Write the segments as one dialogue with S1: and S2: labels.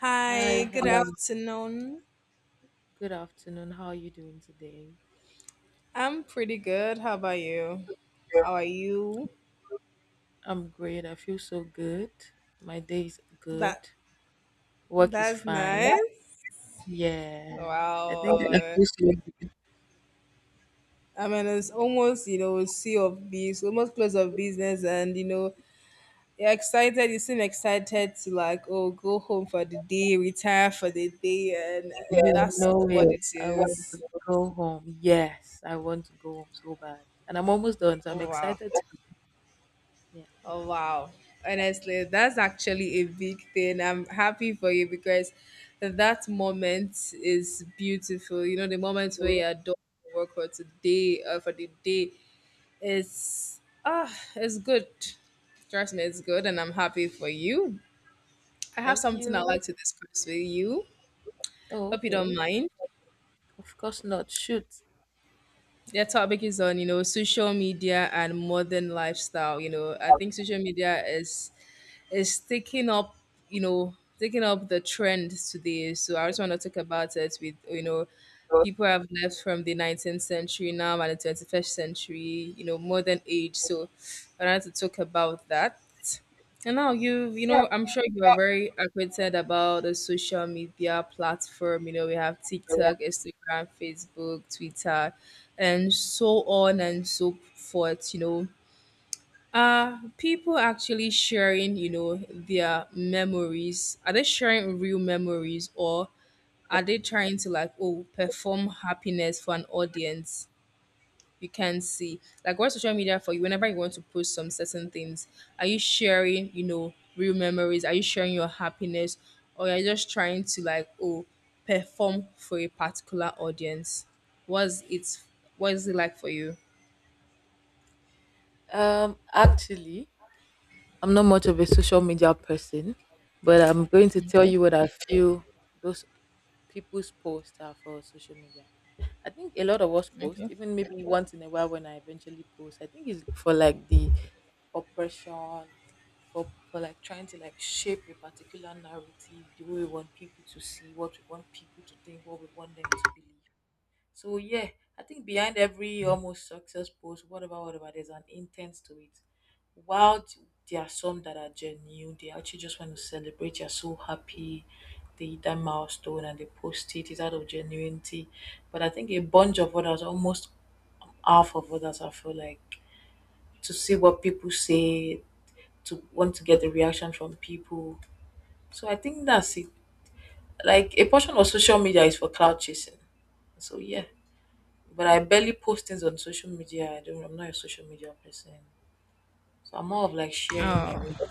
S1: Hi, good afternoon. I'm pretty good. How about you? How
S2: You?
S1: are you? That that's nice. Wow. I mean, it's almost sea of bees, almost close of business, and you know you're excited. You seem excited to like oh go home for the day, retire for the day, and that's what it is. Oh, wow. Oh, wow. Honestly, that's actually a big thing. I'm happy for you because that moment is beautiful. You know, the moment when you're done with work for today or for the day. It's ah, it's good. Trust me, it's good, and I'm happy for you. I have something I'd like to discuss with you. Hope you don't mind. The topic is on, you know, social media and modern lifestyle. You know, I think social media is taking up, taking up the trend today. So I just want to talk about it with, people have left from the 19th century now and the 21st century, you know, modern age. So I wanted to talk about that. And now you know, I'm sure you are very acquainted about the social media platform. You know, we have TikTok, Instagram, Facebook, Twitter, and so on and so forth. You know, people actually sharing, you know, their memories. Are they sharing real memories or are they trying to like oh perform happiness for an audience? You can see. Like what social media for you whenever you want to post some certain things, are you sharing, you know, real memories? Are you sharing your happiness? Or are you just trying to like oh perform for a particular audience? Was it What is it like for you? Okay. Okay. Oh,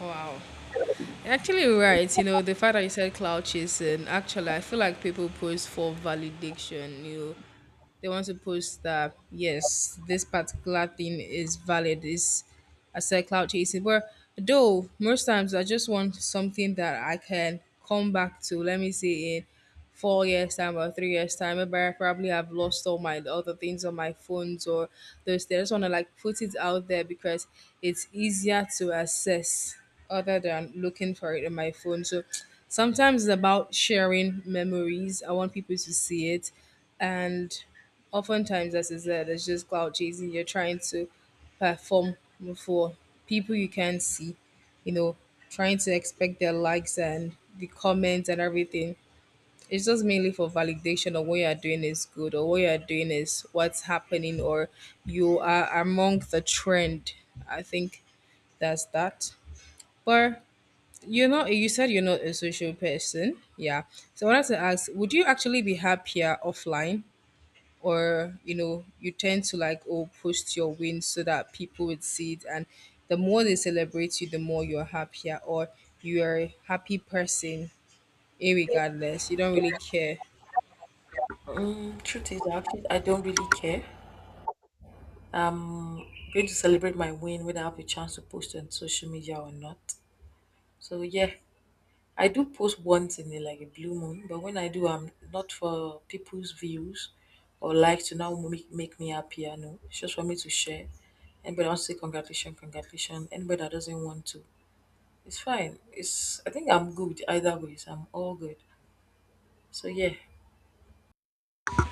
S1: wow. Actually, you're right. You know, the fact that you said cloud chasing, actually, I feel like people post for validation. You know, they want to post that, yes, this particular thing is valid. Is I said cloud chasing. But though, most times I just want something that I can come back to. Let me say it 4 years time or 3 years time, but I probably have lost all my other things on my phones or those things. I just want to like put it out there because it's easier to access other than looking for it in my phone. So sometimes it's about sharing memories. I want people to see it. And oftentimes, as I said, it's just cloud chasing. You're trying to perform for people you can see, you know, trying to expect their likes and the comments and everything. It's just mainly for validation of what you're doing is good or what you're doing is what's happening or you are among the trend. I think that's that. But you're not, you said you're not a social person. Yeah. So I wanted to ask, would you actually be happier offline? Or, you know, you tend to like, oh, post your wins so that people would see it. And the more they celebrate you, the more you're happier or you're a happy person, irregardless. You don't really care.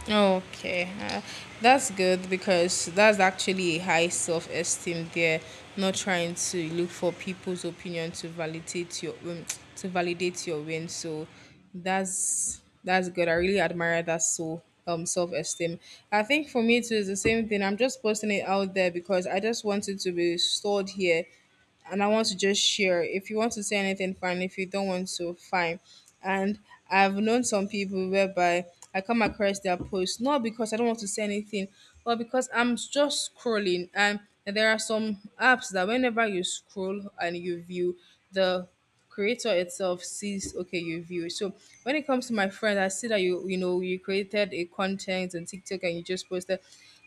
S1: Okay, that's good because that's actually a high self esteem there. Not trying to look for people's opinion to validate your win. So that's good. I really admire that, so self esteem. I think for me too is the same thing. I'm just posting it out there because I just want it to be stored here and I want to just share. If you want to say anything, fine. If you don't want to, fine. And I've known some people whereby I come across their posts not because I don't want to say anything, but because I'm just scrolling. And there are some apps that whenever you scroll and you view, the creator itself sees okay you view. So when it comes to my friend, I see that you know, you created a content on TikTok and you just posted.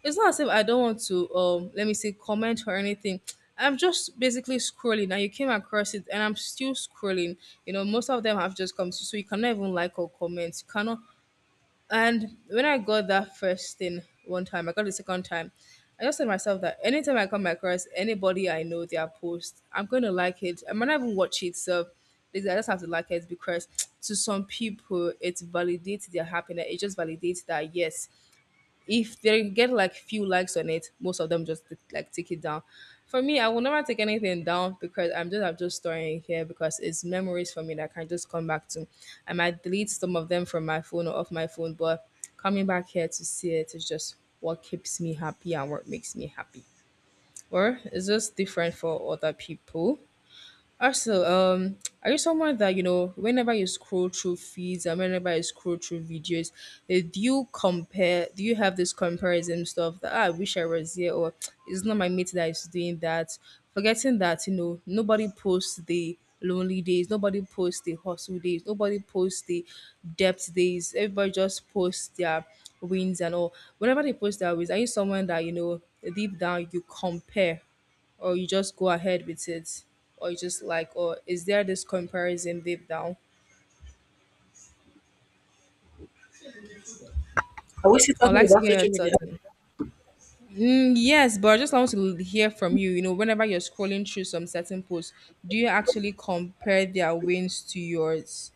S1: It's not as if I don't want to let me say comment or anything. I'm just basically scrolling and you came across it and I'm still scrolling. You know, most of them have just come to, so you cannot even like or comment, you cannot. And when I got that first thing one time, I got the second time. I just said to myself that anytime I come across anybody I know their post, I'm going to like it. I might not even watch it, so basically I just have to like it because to some people it validates their happiness. It just validates that yes, if they get like few likes on it, most of them just like take it down. For me, I will never take anything down because I'm just storing it here because it's memories for me that I can just come back to. I might delete some of them from my phone or off my phone, but coming back here to see it is just what keeps me happy and what makes me happy. Or it's just different for other people. Also, are you someone that, you know, whenever you scroll through feeds and whenever you scroll through videos, do you compare? Do you have this comparison stuff that, "Ah, I wish I was here or it's not my mate that is doing that?" Forgetting that, you know, nobody posts the lonely days, nobody posts the hustle days, nobody posts the depth days. Everybody just posts their wins and all. Whenever they post their wins, are you someone that, you know, deep down you compare? Or you just go ahead with it, or you just like, or is there this comparison deep down? I'd like to hear your thoughts on it. Mm, yes, but I just want to hear from you, you know, whenever you're scrolling through some certain posts, do you actually compare their wins to yours?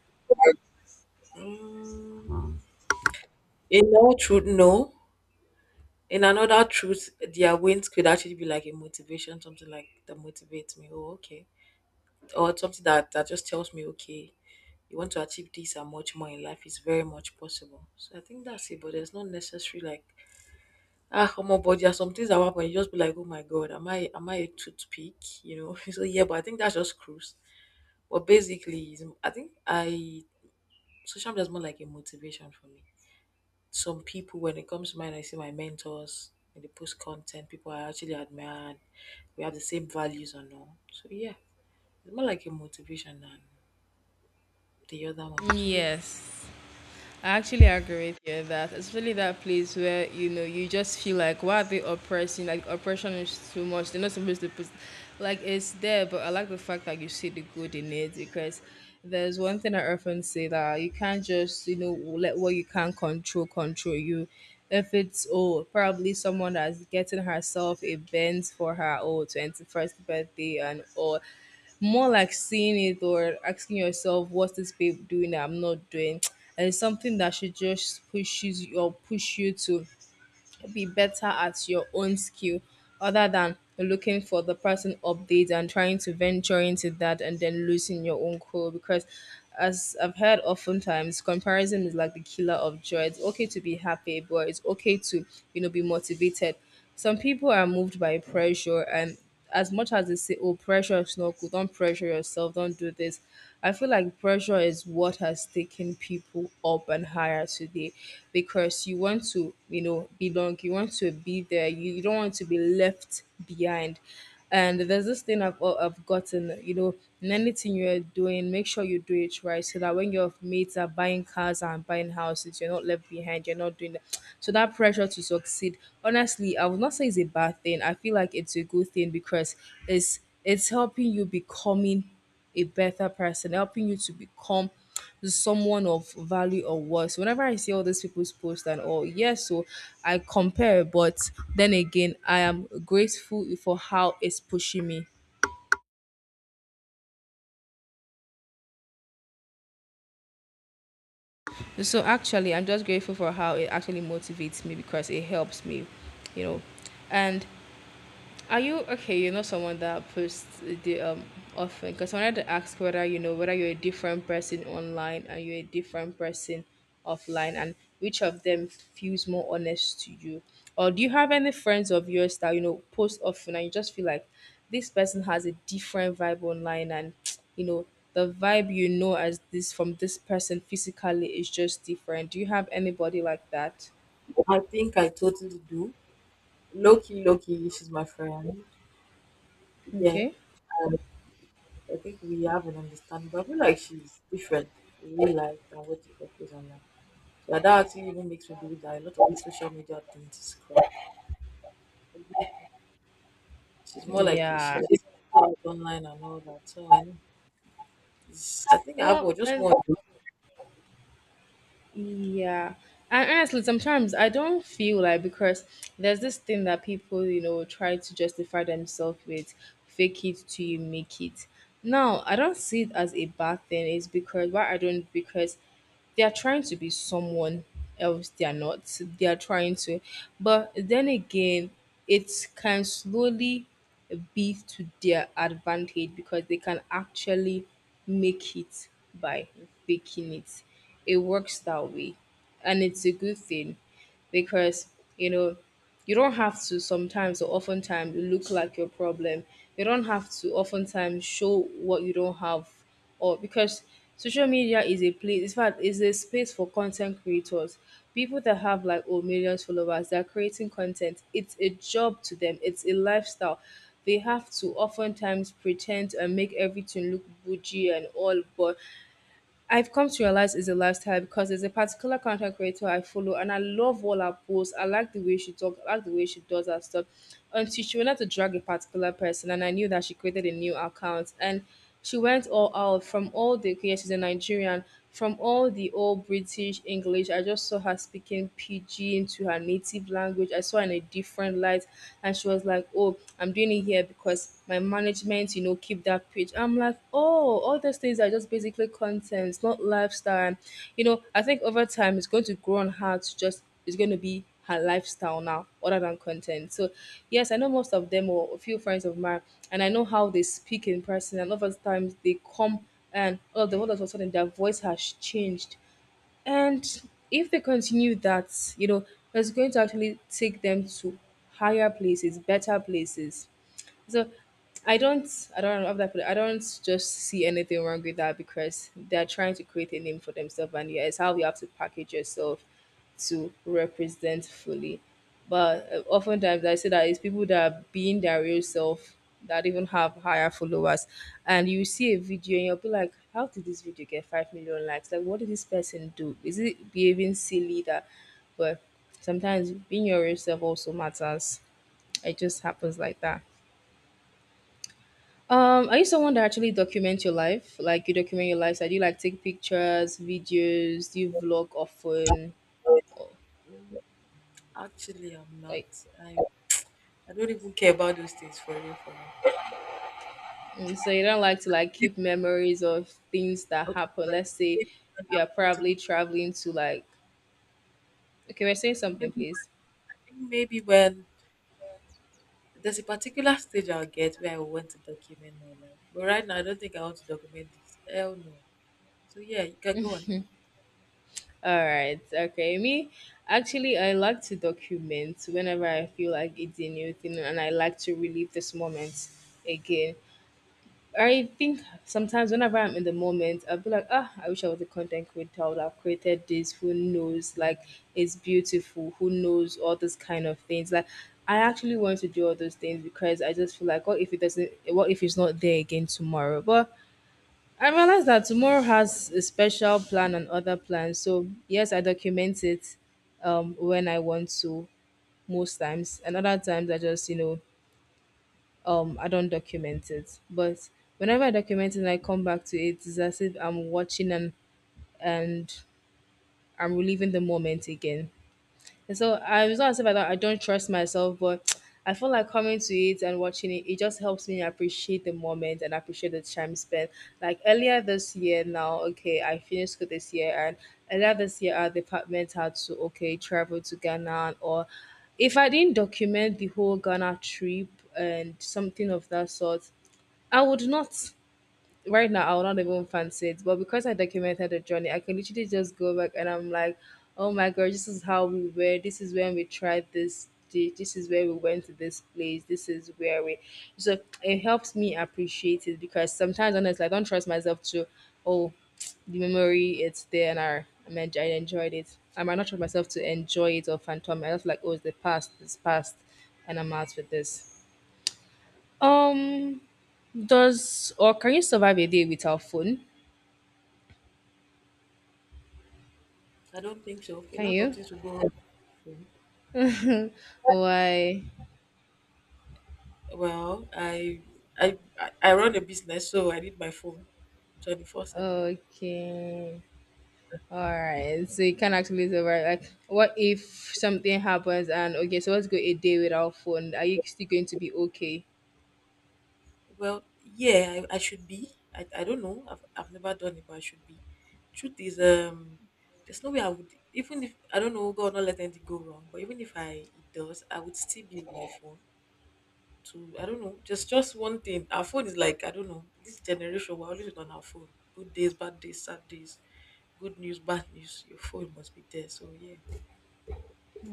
S1: Yes. I actually agree with you on that, especially that place where you know you just feel like why are they oppressing? Like oppression is too much. They're not supposed to put, like it's there, but I like the fact that you see the good in it because there's one thing I often say that you can't just, you know, let what you can't control control you. If it's oh probably someone that's getting herself a Benz for her oh 21st birthday and all, more like seeing it or asking yourself, what's this babe doing that I'm not doing? And it's something that should just pushes you or push you to be better at your own skill other than looking for the person updates and trying to venture into that and then losing your own cool because as I've heard oftentimes, comparison is like the killer of joy. It's okay to be happy, but it's okay to, you know, be motivated. Some people are moved by pressure, and as much as they say, "Oh, pressure is not good. Don't pressure yourself. Don't do this." I feel like pressure is what has taken people up and higher today, because you want to, you know, belong. You want to be there. You don't want to be left behind. And there's this thing I've gotten, you know, in anything you're doing, make sure you do it right so that when your mates are buying cars and buying houses, you're not left behind, you're not doing that. So that pressure to succeed, honestly, I would not say it's a bad thing. I feel like it's a good thing because it's helping you becoming a better person, helping you to become someone of value or worth. So whenever I see all these people's posts and all, yes, so I compare, but then again, I am grateful for how it's pushing me. So actually, I'm just grateful for how it actually motivates me because it helps me, you know. And are you okay? You are not someone that posts the often because I wanted to ask whether you know whether you're a different person online and you're a different person offline, and which of them feels more honest to you, or do you have any friends of yours that you know post often and you just feel like this person has a different vibe online, and you know the vibe you know as this from this person physically is just different. Do you have anybody like that? Okay. Yeah. Well, and yeah. And honestly, sometimes I don't feel like because there's this thing that people, you know, try to justify themselves with fake it till you make it. Now, I don't see it as a bad thing. It's because why I don't because they are trying to be someone else they are not they are trying to but then again it can slowly be to their advantage because they can actually make it by faking it. It works that way and it's a good thing because you know you don't have to sometimes or oftentimes look like your problem. You don't have to oftentimes show what you don't have or because social media is a place, in fact is a space for content creators. People that have like oh millions followers, they're creating content. It's a job to them, it's a lifestyle. They have to oftentimes pretend and make everything look bougie and all, but I've come to realize it's a lifestyle because there's a particular content creator I follow and I love all her posts. I like the way she talks, I like the way she does her stuff. Until she wanted to drag a particular person, and I knew that she created a new account and she went all out. From all the okay, yeah, she's a Nigerian, from all the old British English, I just saw her speaking pidgin to her native language. I saw her in a different light, and she was like, "Oh, I'm doing it here because my management, keep that page." I'm like, "Oh, all those things are just basically contents, not lifestyle." And, I think over time it's going to grow on her to just is going to be her lifestyle now other than content. So yes, I know most of them, or a few friends of mine, and I know how they speak in person, and other times they come and all of a sudden their voice has changed. And if they continue that, it's going to actually take them to higher places, better places. So I don't know how that put it. I don't just see anything wrong with that because they're trying to create a name for themselves, and yeah, it's how you have to package yourself to represent fully. But oftentimes I say that it's people that are being their real self that even have higher followers, and you see a video and you'll be like, how did this video get 5 million likes? Like, what did this person do? Is it behaving silly that? But sometimes being your real self also matters. It just happens like that. Are you someone that actually documents your life? Like you document your lifestyle? Do you like take pictures, videos? Do you vlog often? Or, like, so you don't like to like keep memories of things that happen. Let's say you are probably traveling to like. Okay, we're saying something, please. All right. Okay, me actually I like to document whenever I feel like it's a new thing, and I like to relive this moment again. I think sometimes whenever I'm in the moment, I'll be like, ah, I wish I was a content creator. I would have created this. Who knows? Like, it's beautiful. Who knows? All those kind of things. Like, I actually want to do all those things because I just feel like, what if it doesn't? What if it's not there again tomorrow? But I realize that tomorrow has a special plan and other plans. So yes, I document it when I want to most times, and other times I just I don't document it. But whenever I document it and I come back to it, it's as if I'm watching, and I'm reliving the moment again. And so I it's not as if I don't trust myself, but I feel like coming to it and watching it, it just helps me appreciate the moment and appreciate the time spent. Like earlier this year now, okay, I finished school this year, and earlier this year our department had to okay travel to Ghana. Or if I didn't document the whole Ghana trip and something of that sort, I would not right now. I would not even fancy it, but because I documented the journey, I can literally just go back and I'm like, oh my god, this is how we were. This is when we tried this. This is where we went to this place. This is where we. So it helps me appreciate it because sometimes, honestly, I don't trust myself to. Oh, the memory it's there and I mean, I enjoyed it. I might not trust myself to enjoy it or phantom. I just like, oh, it's the past. It's past, and I'm out with this. Um, does or can you survive a day without phone? Can you? Why? Okay. All right. So you can actually survive. Like, what if something happens and okay, so let's go a day without phone. Are you still going to be okay?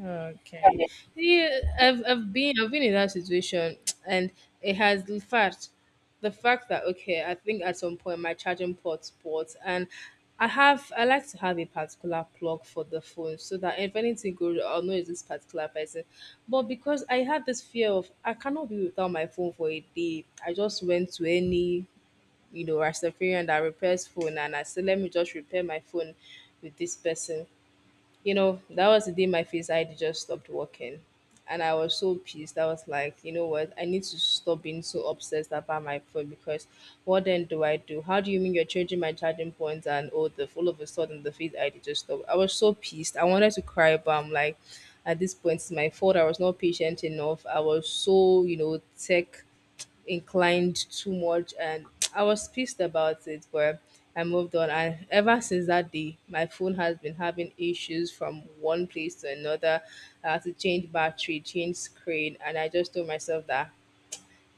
S1: Okay. Yeah, I've been in that situation and it has the fact. The fact that okay, I think at some point my charging port spots and I like to have a particular plug for the phone so that if anything goes I'll know it's this particular person. But because I had this fear of I cannot be without my phone for a day, I just went to any Rastafarian that repairs phone, and I said let me just repair my phone with this person. That was the day my face ID just stopped working. And I was so pissed. I was like, you know what? I need to stop being so obsessed about my phone because what then do I do? How do you mean you're changing my charging points and all of a sudden the feed ID just stopped? I was so pissed. I wanted to cry, but I'm like, at this point, it's my fault. I was not patient enough. I was so, you know, tech inclined too much, and I was pissed about it, but I moved on. And ever since that day, my phone has been having issues from one place to another. I had to change battery, change screen, and I just told myself that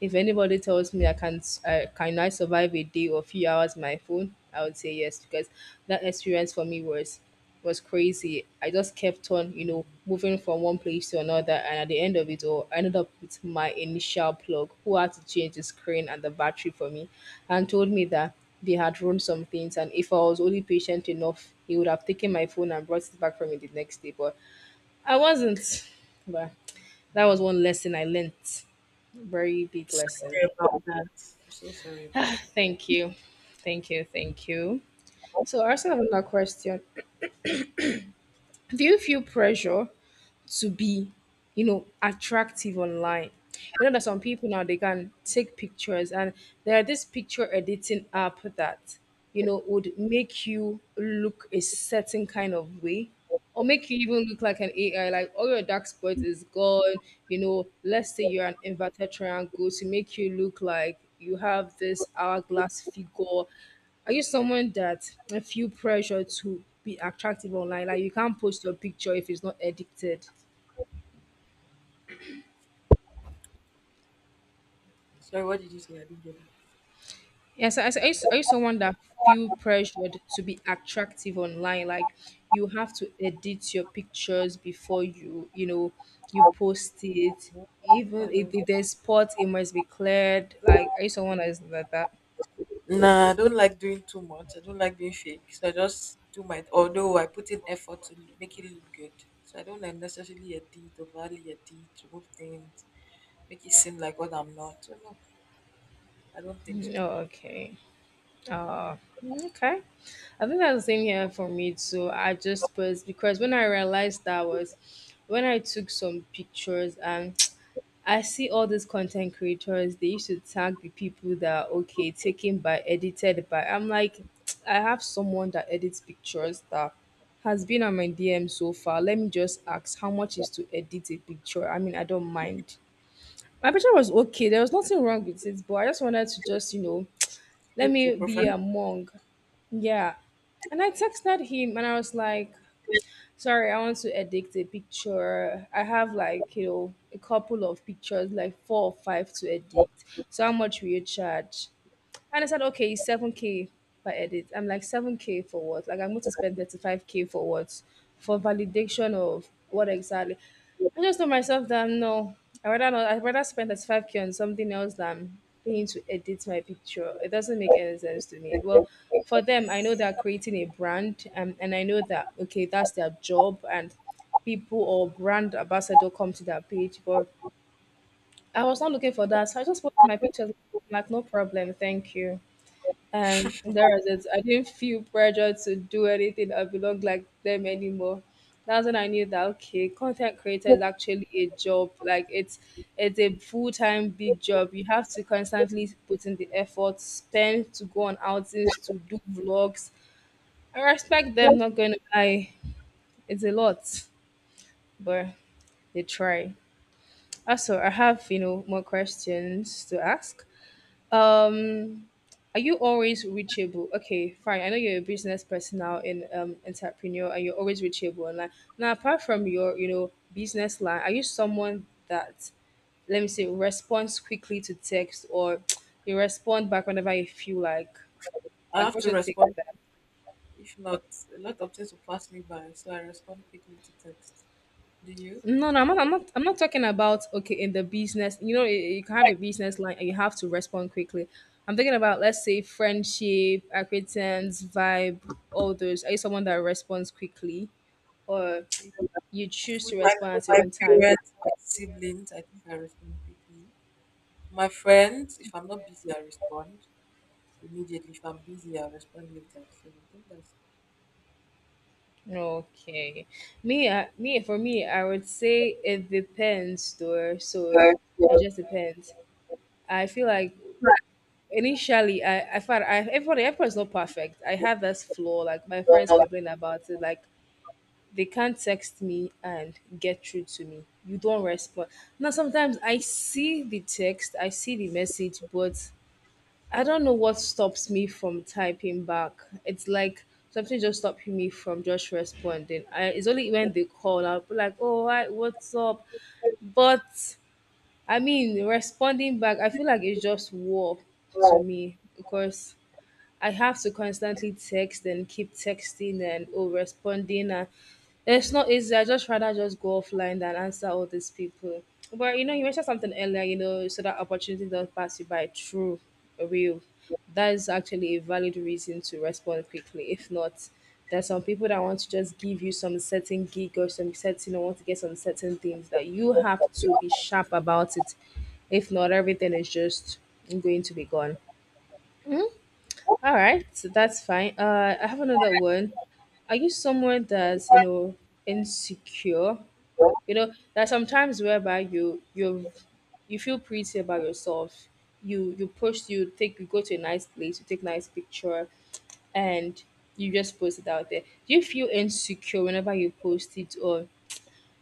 S1: if anybody tells me I can't, I can I survive a day or few hours on my phone, I would say yes because that experience for me was crazy. I just kept on, you know, moving from one place to another, and at the end of it all, I ended up with my initial plug who had to change the screen and the battery for me, and told me that they had run some things, and if I was only patient enough, he would have taken my phone and brought it back for me the next day. But I wasn't, but that was one lesson I learnt. Very big lesson. Ah, thank you. Thank you. Thank you. So, I also have another question. Do you feel pressure to be, you know, attractive online? You know that some people now they can take pictures, and there are this picture editing app that, you know, would make you look a certain kind of way or make you even look like an AI, like all your dark spots is gone. You know, let's say you're an inverted triangle to make you look like you have this hourglass figure. Are you someone that I feel pressure to be attractive online? Like you can't post your picture if it's not edited. Yes, I used someone that feel pressured to be attractive online. Like you have to edit your pictures before you, you know, you post it. Even if there's spots, it must be cleared. Like I used someone that is like that. Oh, okay. Uh, okay. I think that's the same here for me too. I just was because when I realized that was when I took some pictures and I see all these content creators, they used to tag the people that are okay, taken by, edited by. I'm like, I have someone that edits pictures that has been on my DM so far. Let me just ask how much is to edit a picture. I mean, I don't mind. My picture was okay. There was nothing wrong with it, but I just wanted to just, you know, let me be among. Yeah. And I texted him and I was like, sorry, I want to edit a picture. I have like, you know, a couple of pictures, like four or five to edit. So how much will you charge? And I said, okay, it's 7K per edit. I'm like, 7K for what? Like, I'm going to spend 35K for what? For validation of what exactly? I just told myself that no, I rather not, I'd rather spend 35K on something else than paying to edit my picture. It doesn't make any sense to me. Well, for them, I know they're creating a brand, and I know that, okay, that's their job and people or brand ambassador come to their page. But I was not looking for that. So I just put my pictures like, no problem. Thank you. And there was it. I didn't feel pressure to do anything or belong like them anymore. That's when I knew that okay, content creator is actually a job. Like it's a full time big job. You have to constantly put in the effort, spend to go on outings, to do vlogs. I respect them. Not going to lie, it's a lot, but they try. Also, I have more questions to ask. Um, are you always reachable? Okay, fine. I know you're a business person now and entrepreneur, and you're always reachable online. Now, apart from your, you know, business line, are you someone that let me say responds quickly to text or you respond back whenever you feel like? Like, what's your take? No, no, I'm not. I'm not talking about okay in the business. You know, you can have a business line and you have to respond quickly. I'm thinking about let's say friendship, acquaintance, vibe, all those. Are you someone that responds quickly, or you choose to respond at your own time? Okay, me, me for me, I would say it depends, though. So it just depends. I feel like initially, I thought I everybody everybody's not perfect. I have this flaw. Like my friends complain about it. Like they can't text me and get through to me. You don't respond. Now, sometimes I see the text, I see the message, but I don't know what stops me from typing back. It's like something just stopping me from just responding. It's only when they call, I'll be like, oh, hi, what's up? But I mean, responding back, I feel like it's just war to me because I have to constantly text and keep texting and oh responding and it's not easy. I just rather just go offline than answer all these people. But you know, you mentioned something earlier, you know, so that opportunity does pass you by. True, real. That is actually a valid reason to respond quickly. If not, there's some people that want to just give you some certain gig or some certain or want to get some certain things that you have to be sharp about it. If not, everything is just going to be gone. All right, so that's fine. I have another one. Are you someone that's you know insecure? You know, there are sometimes whereby you feel pretty about yourself. You post, you take, you go to a nice place, you take nice picture, and you just post it out there. Do you feel insecure whenever you post it, or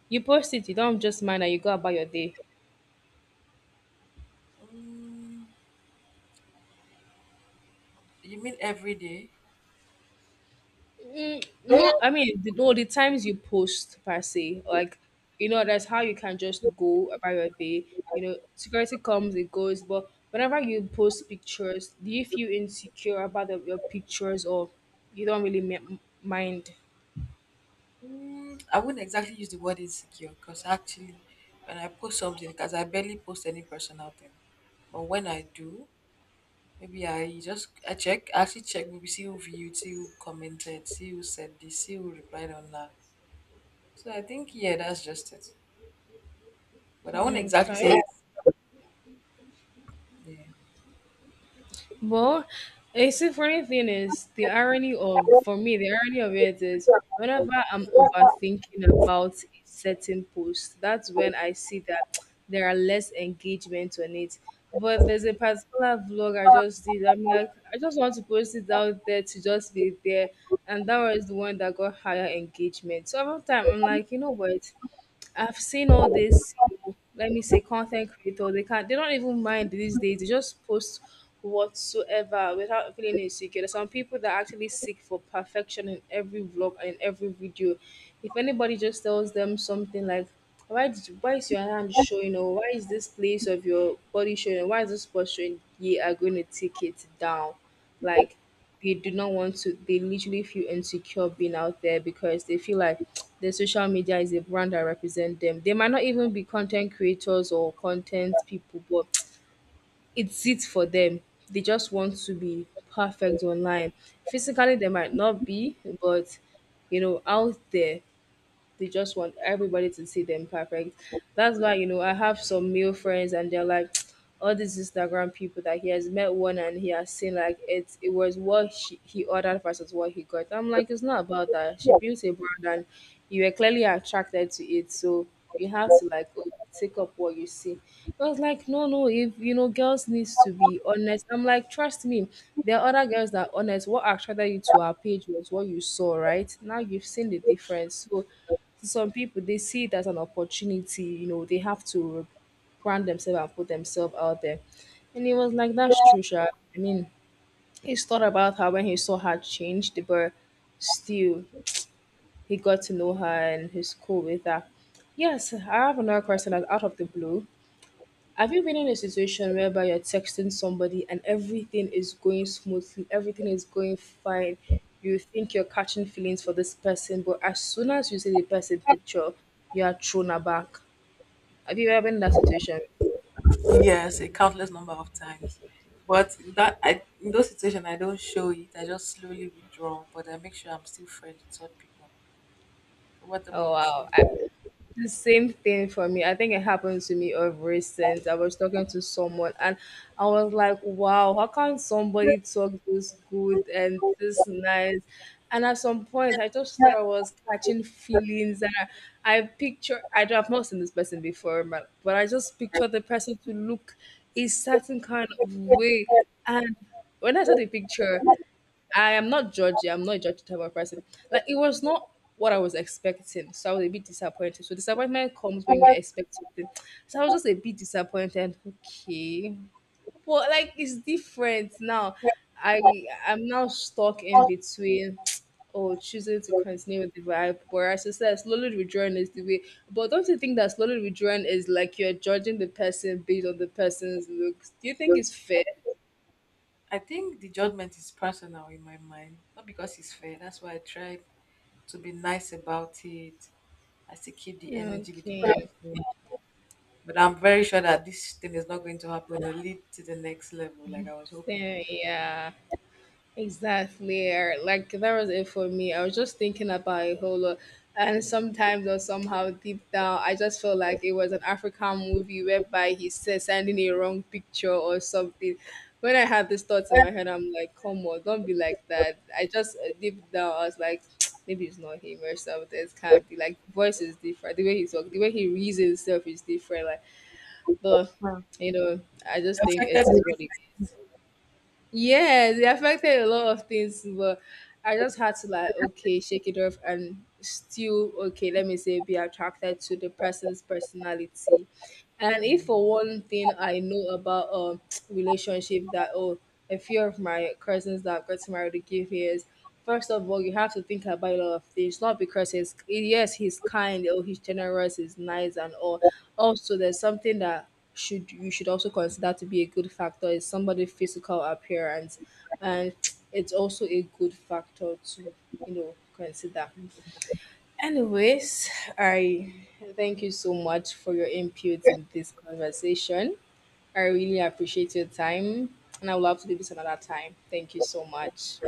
S1: you post it, you don't just mind and you go about your day? No, I mean, no, the times you post per se, like, you know, that's how you can just go about your day. You know, security comes, it goes, but whenever you post pictures, do you feel insecure about your pictures or you don't really mind? Okay. Well, a funny thing is the irony of it is whenever I'm overthinking about a certain post, that's when I see that there are less engagement on it. But there's a particular vlog I just did. I'm like, I just want to post it out there to just be there, and that was the one that got higher engagement. So every time I'm like, you know what? I've seen all this, let me say, content creator, they can't, they don't even mind these days, they just post whatsoever without feeling insecure. There's some people that actually seek for perfection in every vlog and in every video. If anybody just tells them something like why did you, why is your hand showing, or why is this place of your body showing, why is this posture showing, you are going to take it down. Like they do not want to, they literally feel insecure being out there because they feel like the social media is a brand that represent them. They might not even be content creators or content people, but it's it for them, they just want to be perfect online. Physically they might not be, but you know, out there they just want everybody to see them perfect. That's why, you know, I have some male friends and they're like, all these Instagram people that he has met one and he has seen, like it was what he ordered versus what he got. I'm like, it's not about that. She built a brand and you were clearly attracted to it. So you have to like oh, take up what you see. I was like, no, no, if you know, girls needs to be honest. I'm like, trust me, there are other girls that are honest. What attracted you to our page was what you saw, right? Now you've seen the difference. So some people they see it as an opportunity, you know, they have to brand themselves and put themselves out there. And it was like that's true Sha. I mean, he's thought about her when he saw her changed, but still, he got to know her and he's cool with that. Yes, I have another question that's out of the blue. Have you been in a situation whereby you're texting somebody and everything is going smoothly, everything is going fine? You think you're catching feelings for this person, but as soon as you see the person picture, you are thrown aback. Have you ever been in that situation? Oh wow, I, The same thing for me. I think it happened to me of recent. I was talking to someone and I was like, wow, how can somebody talk this good and this nice? And at some point, I just thought I was catching feelings. And have not seen this person before, but I just pictured the person to look a certain kind of way. And when I saw the picture, I am not judgy. I'm not a judgy type of person. Like it was not what I was expecting, so I was a bit disappointed. So disappointment comes when you expect something. So I was just a bit disappointed. Okay, but like it's different now. I'm now stuck in between. Oh, choosing to continue with the vibe, whereas I said slowly withdrawing is the way. But don't you think that slowly withdrawing is like you're judging the person based on the person's looks? Do you think it's fair? Okay. Fair, yeah. Exactly. Eric. Like that was it for me. I was just thinking about a whole lot. And sometimes or somehow deep down I just felt like it was an African movie whereby he said sending a wrong picture or something. When I had these thoughts in my head, I'm like, come on, don't be like that. I just deep down I was like, maybe it's not him or something. It can't be,
S2: I,
S1: like voice is different. The way he talk, the way he reasons himself is different. Like but you know, I just think it is what it is. Yes, it affected a lot of things, but I just had to like okay, shake it off and still okay, let me say be attracted to the person's personality. And if for one thing I know about relationship that oh a few of my cousins that got married to give years, first of all you have to think about a lot of things, not because he's yes, he's kind or he's generous, he's nice and all. Also there's something that should you should also consider to be a good factor is somebody physical appearance and it's also a good factor to you know consider. Anyways, I thank you so much for your input in this conversation. I really appreciate your time, and I would love to do this another time. Thank you so much.